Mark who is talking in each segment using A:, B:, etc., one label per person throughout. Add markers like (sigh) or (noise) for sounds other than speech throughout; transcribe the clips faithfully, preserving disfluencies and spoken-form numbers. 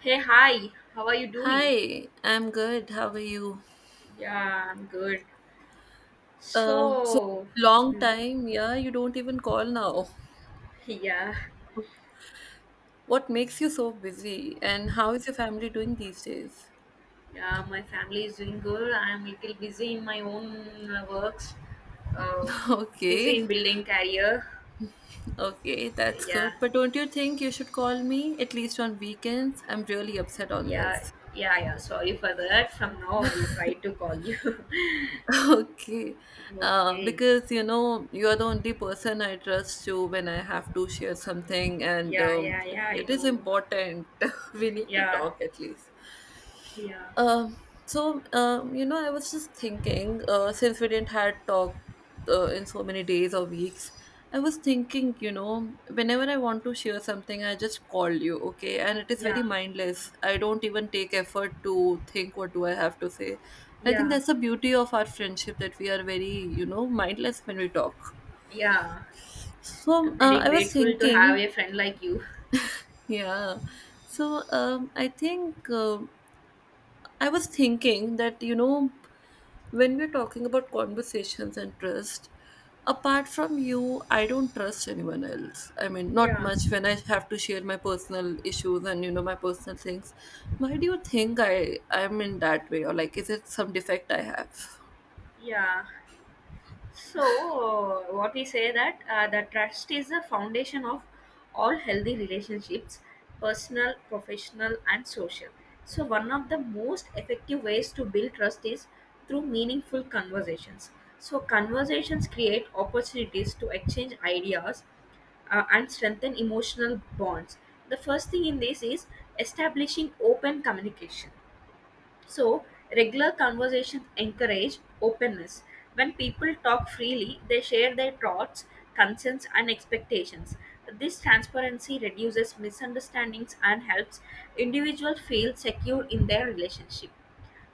A: Hey, hi, how are you doing?
B: Hi, I'm good. How are you?
A: Yeah, I'm good.
B: Uh, so
A: So,
B: long
A: mm,
B: time. Yeah, you don't even call now.
A: yeah,
B: What makes you so busy? And how is your family doing these days?
A: yeah, my family is doing good. I'm a little busy in my own uh, works, uh,
B: (laughs)
A: busy
B: Okay,
A: in building career.
B: okay, that's good.
A: Yeah,
B: But don't you think you should call me at least on weekends? I'm really upset on
A: yeah,
B: this.
A: yeah, yeah. Sorry for that. From now, I'll try to call you. (laughs)
B: (laughs) Okay, uh,
A: Okay.
B: because you know you are the only person I trust to when I have to share something, and
A: Yeah,
B: um,
A: yeah,
B: it,
A: yeah, I
B: it is
A: know.
B: important. (laughs) We need to
A: Yeah,
B: talk at least.
A: yeah,
B: Um, so, um, you know, I was just thinking, uh, since we didn't had talk uh, in so many days or weeks. I was thinking, you know, whenever I want to share something, I just call you, okay? And it is very
A: yeah,
B: mindless. I don't even take effort to think what do I have to say. I think
A: yeah,
B: that's the beauty of our friendship that we are very, you know, mindless when we talk.
A: yeah.
B: So,
A: I'm
B: uh,
A: very
B: I was
A: grateful to have
B: thinking,
A: a friend like you.
B: yeah. So, um, I think uh, I was thinking that, you know, when we're talking about conversations and trust, apart from you, I don't trust anyone else. I mean, not
A: Yeah,
B: much when I have to share my personal issues and you know my personal things. Why do you think i i'm in that way? Or like, is it some defect I have?
A: yeah. So, uh, what we say that uh, the trust is the foundation of all healthy relationships, personal, professional, and social. So, one of the most effective ways to build trust is through meaningful conversations. So, conversations create opportunities to exchange ideas uh, and strengthen emotional bonds. The first thing in this is establishing open communication. So, regular conversations encourage openness. When people talk freely, they share their thoughts, concerns, and expectations. This transparency reduces misunderstandings and helps individuals feel secure in their relationship.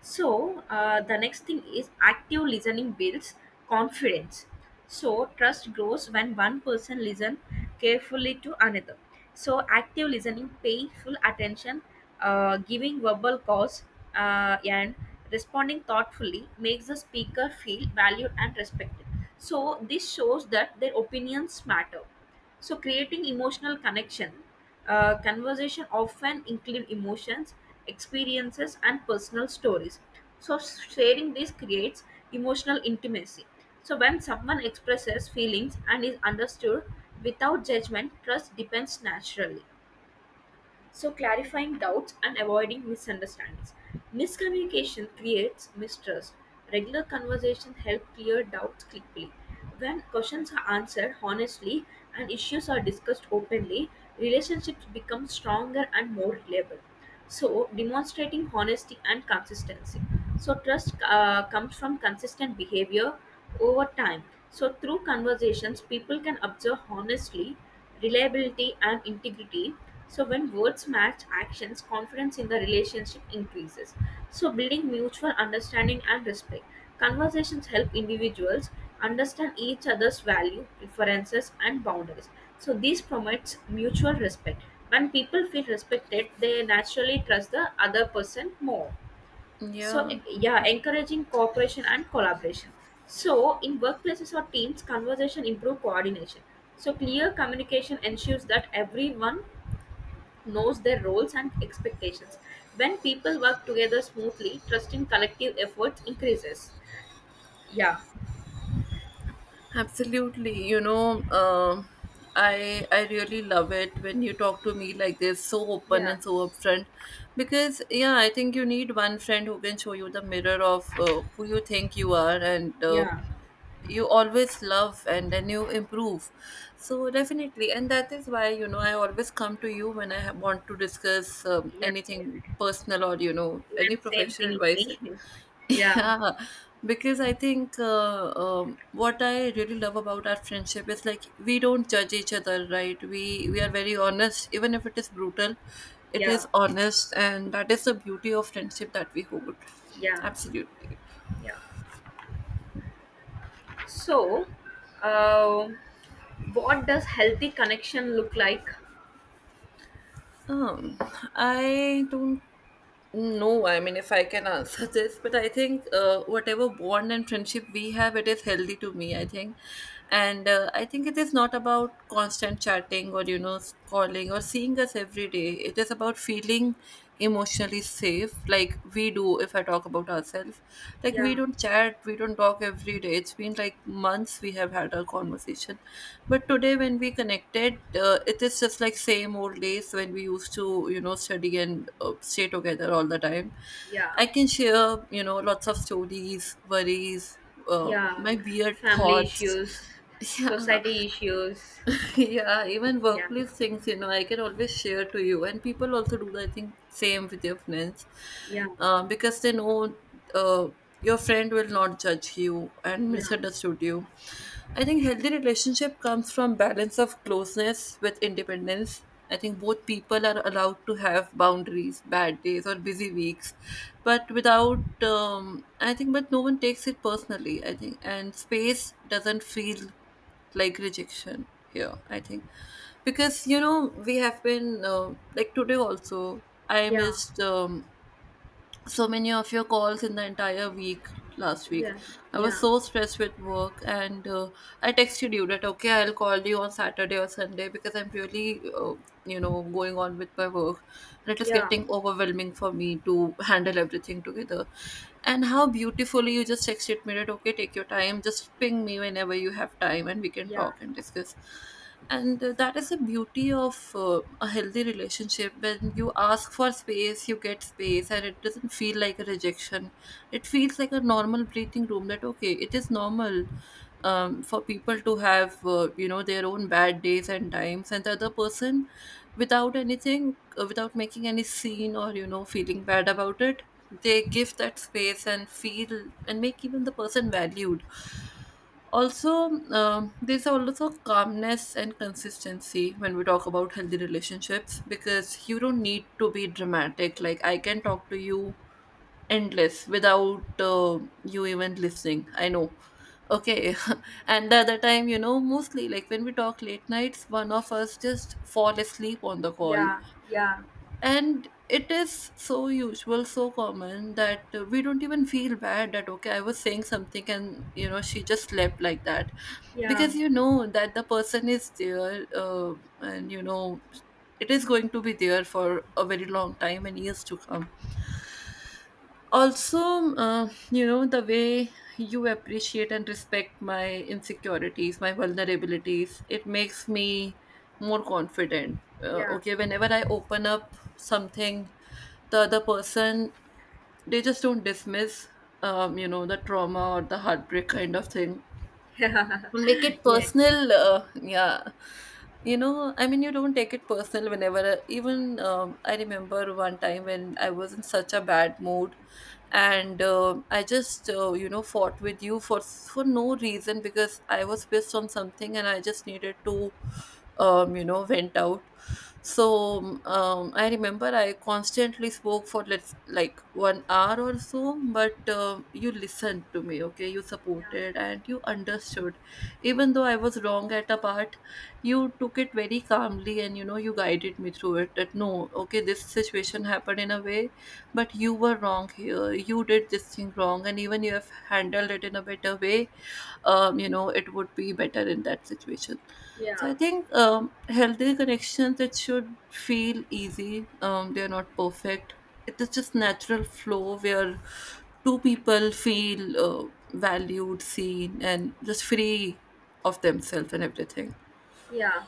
A: So, uh, the next thing is active listening builds confidence. So, trust grows when one person listens carefully to another. So, active listening, paying full attention, uh, giving verbal cause, uh, and responding thoughtfully makes the speaker feel valued and respected. So, this shows that their opinions matter. So, creating emotional connection, uh, conversation often include emotions, experiences, and personal stories. So, sharing this creates emotional intimacy. So, when someone expresses feelings and is understood without judgment, trust depends naturally, so clarifying doubts and avoiding misunderstandings. Miscommunication creates mistrust. Regular conversation help clear doubts quickly. When questions are answered honestly and issues are discussed openly, relationships become stronger and more reliable. So, demonstrating honesty and consistency. So, trust uh, comes from consistent behavior over time. So, through conversations, people can observe honestly, reliability, and integrity. So, when words match actions, confidence in the relationship increases. So, building mutual understanding and respect. Conversations help individuals understand each other's value, preferences, and boundaries. So, this promotes mutual respect. When people feel respected, they naturally trust the other person more. So,
B: Yeah,
A: yeah, encouraging cooperation and collaboration. So, in workplaces or teams, conversation improve coordination. So, clear communication ensures that everyone knows their roles and expectations. When people work together smoothly, trust in collective efforts increases. Yeah,
B: absolutely. You know, um, I I really love it when you talk to me like this, so open
A: yeah,
B: and so upfront. Because yeah, I think you need one friend who can show you the mirror of uh, who you think you are, and uh,
A: yeah,
B: you always love and then you improve. So definitely, and that is why you know i always come to you when i ha- want to discuss um,
A: yeah,
B: anything
A: yeah.
B: personal or you know any
A: Even same
B: professional
A: thing
B: advice.
A: with me. (laughs)
B: (laughs)
A: Yeah,
B: Yeah, because I think uh, um, what I really love about our friendship is like we don't judge each other, right? We we are very honest, even if it is brutal, it
A: yeah,
B: is honest. And that is the beauty of friendship that we hold.
A: yeah,
B: Absolutely.
A: yeah. So, uh, what does healthy connection look like?
B: Um, I don't know. I mean, if I can answer (laughs) this, but I think uh, whatever bond and friendship we have, it is healthy to me, I think. And uh, I think it is not about constant chatting or you know s- calling or seeing us every day. It is about feeling emotionally safe, like we do. If I talk about ourselves, like
A: Yeah,
B: we don't chat, we don't talk every day. It's been like months we have had our conversation. But today, when we connected, uh, it is just like same old days when we used to you know study and uh, stay together all the time.
A: yeah,
B: I can share you know lots of stories, worries, uh,
A: yeah,
B: my weird
A: family
B: thoughts.
A: issues,
B: (laughs) Yeah.
A: society issues.
B: (laughs) Yeah, even
A: Yeah,
B: workplace things, you know, I can always share to you. And people also do that, I think, same with your friends.
A: yeah,
B: Uh, because they know, uh, your friend will not judge you and
A: yeah,
B: misunderstood you. I think healthy relationship comes from balance of closeness with independence. I think both people are allowed to have boundaries, bad days or busy weeks, but without um, I think, but no one takes it personally, I think. And space doesn't feel like rejection here, I think. Because you know we have been, um like today also, I
A: yeah,
B: missed, um, so many of your calls in the entire week last week.
A: yeah,
B: I was
A: yeah,
B: so stressed with work, and uh, I texted you that okay, I'll call you on Saturday or Sunday because I'm really, uh, you know, going on with my work, and it is
A: yeah,
B: getting overwhelming for me to handle everything together. And how beautifully you just texted me that okay, take your time, just ping me whenever you have time, and we can
A: yeah,
B: talk and discuss. And uh, that is the beauty of uh, a healthy relationship. When you ask for space, you get space and it doesn't feel like a rejection. It feels like a normal breathing room, that okay, it is normal, um, for people to have, uh, you know their own bad days and times, and the other person, without anything, uh, without making any scene or you know feeling bad about it, they give that space and feel and make even the person valued. Also, um there's also calmness and consistency when we talk about healthy relationships because you don't need to be dramatic. Like, I can talk to you endless without uh, you even listening. I know. Okay. (laughs) And the other time, you know, mostly like when we talk late nights, one of us just fall asleep on the call.
A: yeah,
B: And it is so usual, so common that uh, we don't even feel bad that okay, I was saying something and you know she just slept like that.
A: yeah, yeah,
B: Because you know that the person is there, uh, and you know it is going to be there for a very long time and years to come also. uh, you know the way you appreciate and respect my insecurities, my vulnerabilities, it makes me more confident, uh,
A: yeah,
B: okay, whenever I open up something, the other person, they just don't dismiss, um, you know the trauma or the heartbreak kind of thing.
A: (laughs) yeah,
B: Make it
A: yeah,
B: personal, uh, yeah. you know I mean, you don't take it personal whenever, uh, even, um, I remember one time when I was in such a bad mood. And uh, I just, uh, you know fought with you for for no reason, because I was pissed on something and I just needed to, um, you know vent out. So um, I remember I constantly spoke for let's like one hour or so. But um you listened to me, okay, you supported and you understood. Even though I was wrong at a part, you took it very calmly and you know you guided me through it, that no, okay, this situation happened in a way, but you were wrong here. You did this thing wrong. And even you have handled it in a better way, um, you know it would be better in that situation. So
A: yeah,
B: I think, um, healthy connections, it should feel easy, um, they're not perfect. It is just natural flow where two people feel, uh, valued, seen, and just free of themselves and everything.
A: yeah,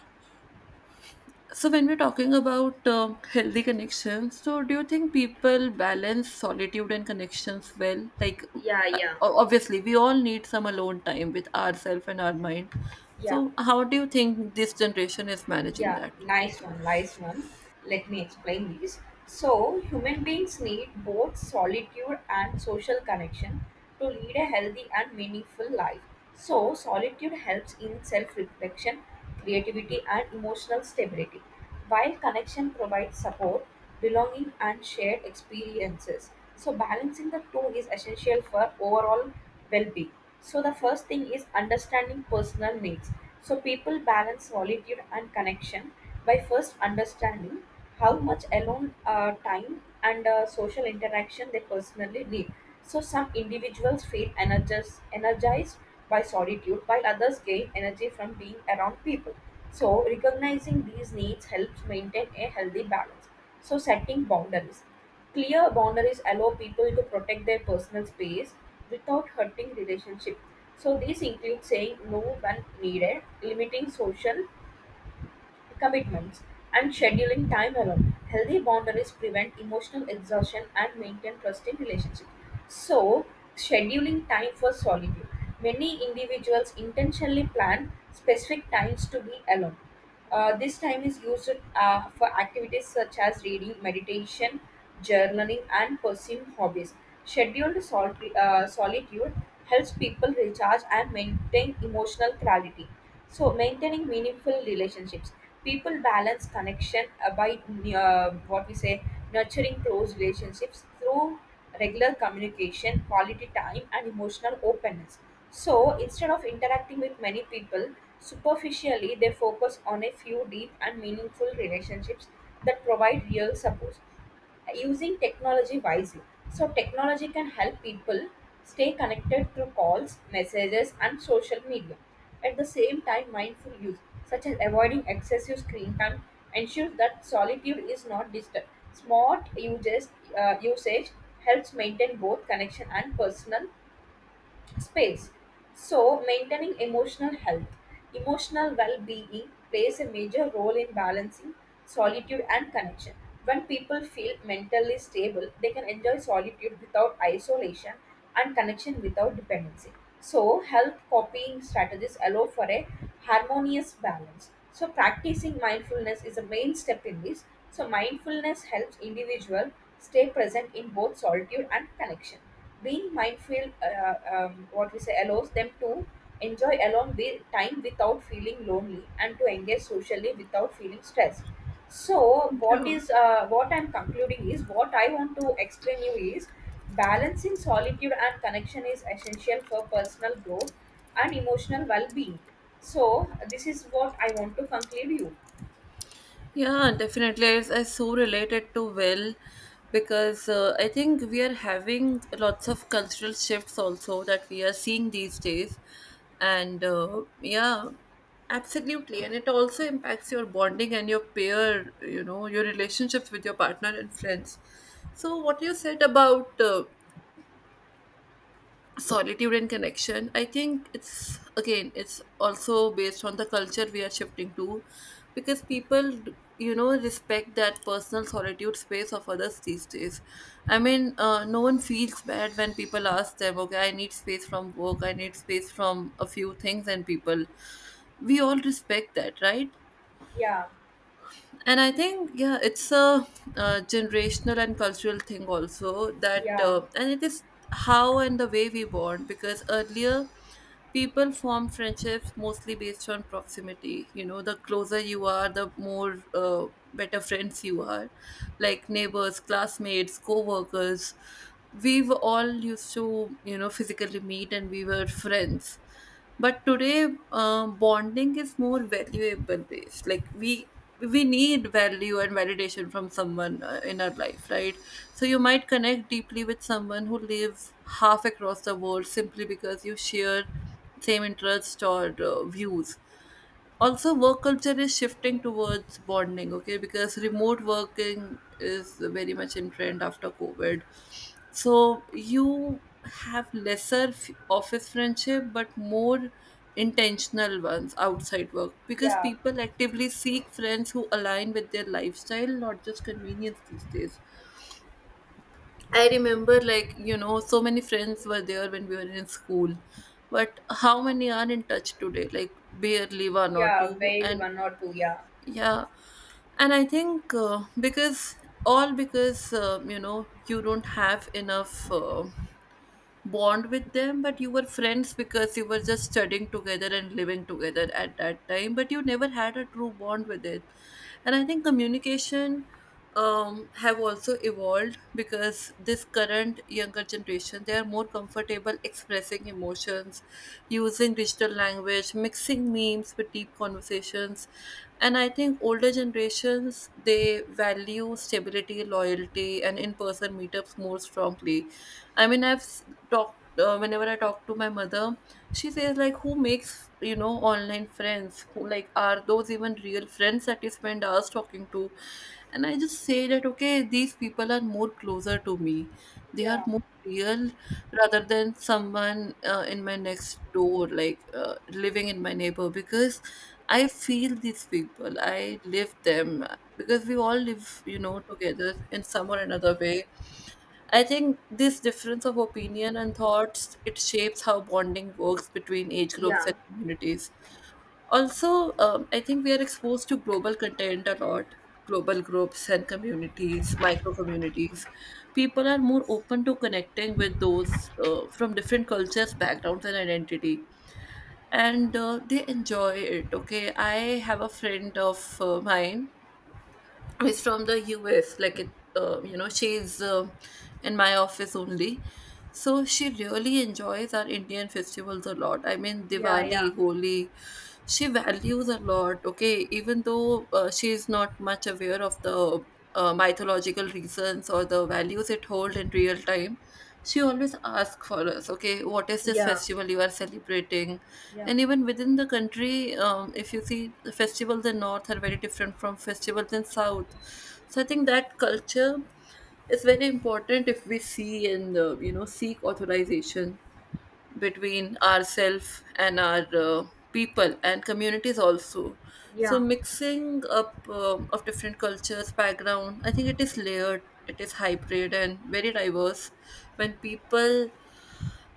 B: So, when we're talking about uh, healthy connections, so do you think people balance solitude and connections well? Like,
A: yeah,
B: uh,
A: yeah,
B: obviously, we all need some alone time with ourselves and our mind.
A: yeah.
B: So, how do you think this generation is managing
A: Yeah,
B: that?
A: nice one, nice one. Let me explain this. So, human beings need both solitude and social connection to lead a healthy and meaningful life. So, solitude helps in self reflection, creativity, and emotional stability, while connection provides support, belonging, and shared experiences. So, balancing the two is essential for overall well being. So, the first thing is understanding personal needs. So, people balance solitude and connection by first understanding how much alone uh, time and uh, social interaction they personally need. So, some individuals feel energized, energized by solitude, while others gain energy from being around people. So, recognizing these needs helps maintain a healthy balance. So, setting boundaries. Clear boundaries allow people to protect their personal space without hurting relationship. So, these include saying no when needed, limiting social commitments, and scheduling time alone. Healthy boundaries prevent emotional exhaustion and maintain trusting relationships. So, scheduling time for solitude. Many individuals intentionally plan specific times to be alone. Uh, this time is used uh, for activities such as reading, meditation, journaling, and pursuing hobbies. Scheduled sol- uh, solitude helps people recharge and maintain emotional clarity. So, maintaining meaningful relationships. People balance connection uh, by uh, what we say, nurturing close relationships through regular communication, quality time, and emotional openness. So, instead of interacting with many people superficially, they focus on a few deep and meaningful relationships that provide real support, using technology wisely. So, technology can help people stay connected through calls, messages, and social media. At the same time, mindful use, such as avoiding excessive screen time, ensures that solitude is not disturbed. Smart uses, uh, usage helps maintain both connection and personal space. So, maintaining emotional health, emotional well being plays a major role in balancing solitude and connection. When people feel mentally stable, they can enjoy solitude without isolation and connection without dependency. So, health copying strategies allow for a harmonious balance. So, practicing mindfulness is a main step in this. So, mindfulness helps individual stay present in both solitude and connection. Being mindful, uh, um, what we say, allows them to enjoy alone with time without feeling lonely and to engage socially without feeling stressed. So, what
B: Yeah.
A: is uh, what I'm concluding is, what I want to explain you is, balancing solitude and connection is essential for personal growth and emotional well-being. So, this is what I want to conclude you.
B: Yeah, definitely. It's I so related to Will because uh, I think we are having lots of cultural shifts also that we are seeing these days. And uh, yeah, absolutely. And it also impacts your bonding and your peer, you know, your relationships with your partner and friends. So, what you said about uh, solitude and connection, I think it's again, it's also based on the culture we are shifting to. Because people you know respect that personal solitude space of others these days. I mean, uh, no one feels bad when people ask them, okay, I need space from work, I need space from a few things, and people, we all respect that, right?
A: Yeah,
B: And I think, yeah, it's a, uh, generational and cultural thing also, that
A: yeah,
B: uh, and it is how and the way we bond. Because earlier, people form friendships mostly based on proximity, you know the closer you are, the more, uh, better friends you are. Like neighbors, classmates, co-workers, we've all used to you know physically meet and we were friends. But today, uh, bonding is more valuable based, like we we need value and validation from someone, uh, in our life, right? So you might connect deeply with someone who lives half across the world simply because you share same interests or, uh, views. Also work culture is shifting towards bonding, okay, because remote working is very much in trend after COVID. So you have lesser f- office friendship but more intentional ones outside work, because
A: yeah,
B: people actively seek friends who align with their lifestyle, not just convenience these days. I remember, like, you know, so many friends were there when we were in school, but how many are in touch today? Like, barely one or
A: yeah.
B: two.
A: Well,
B: And
A: one or two. Yeah,
B: yeah, and I think, uh, because all, because, uh, you know you don't have enough, uh, bond with them, but you were friends because you were just studying together and living together at that time, but you never had a true bond with it. And I think communication, um, have also evolved because this current younger generation, they are more comfortable expressing emotions using digital language, mixing memes with deep conversations. And I think older generations, they value stability, loyalty, and in-person meetups more strongly. I mean, I've s- talked, uh, whenever I talk to my mother, she says like, who makes you know online friends? Who like are those even real friends that you spend hours talking to? And I just say that okay, these people are more closer to me. They are
A: yeah,
B: more real rather than someone, uh, in my next door, like, uh, living in my neighbor, because I feel these people. I live them, because we all live, you know, together in some or another way. I think this difference of opinion and thoughts, it shapes how bonding works between age groups
A: yeah,
B: and communities. Also, um, I think we are exposed to global content a lot. Global groups and communities, micro communities, people are more open to connecting with those, uh, from different cultures, backgrounds, and identity, and uh, they enjoy it. Okay, I have a friend of uh, mine is from the U S. Like it, uh, you know, she's uh, in my office only. So she really enjoys our Indian festivals a lot. I mean,
A: yeah, yeah,
B: Diwali, Holi, she values a lot. Okay, even though uh, she is not much aware of the uh, mythological reasons or the values it holds in real time, she always asks for us, okay, what is this
A: yeah.
B: festival you are celebrating?
A: Yeah,
B: And even within the country, um, if you see the festivals in North are very different from festivals in South. So I think that culture is very important if we see and uh, you know seek authorization between ourself and our uh, people and communities also. So
A: yeah,
B: mixing up um of different cultures background, I think it is layered, it is hybrid and very diverse, when people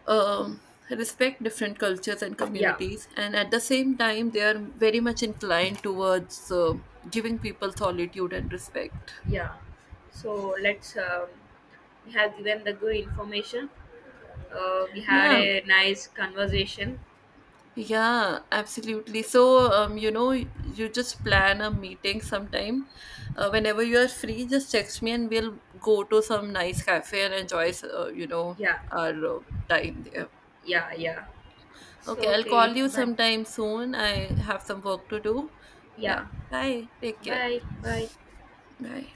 B: um, respect different cultures and
A: yeah,
B: communities, and at the same time they are very much inclined towards, uh, giving people solitude and respect,
A: yeah. So let's um, we have given the good information. Uh, we had
B: yeah.
A: a nice conversation.
B: Yeah, absolutely. So, um, you know, you just plan a meeting sometime. Uh, whenever you are free, just text me and we'll go to some nice cafe and enjoy,
A: Y-
B: uh, you know,
A: yeah,
B: our uh, time there.
A: yeah, yeah. So
B: Okay, I'll
A: okay,
B: call you
A: but
B: sometime soon. I have some work to do. Yeah,
A: yeah.
B: bye. Take care.
A: Bye, bye.
B: Bye.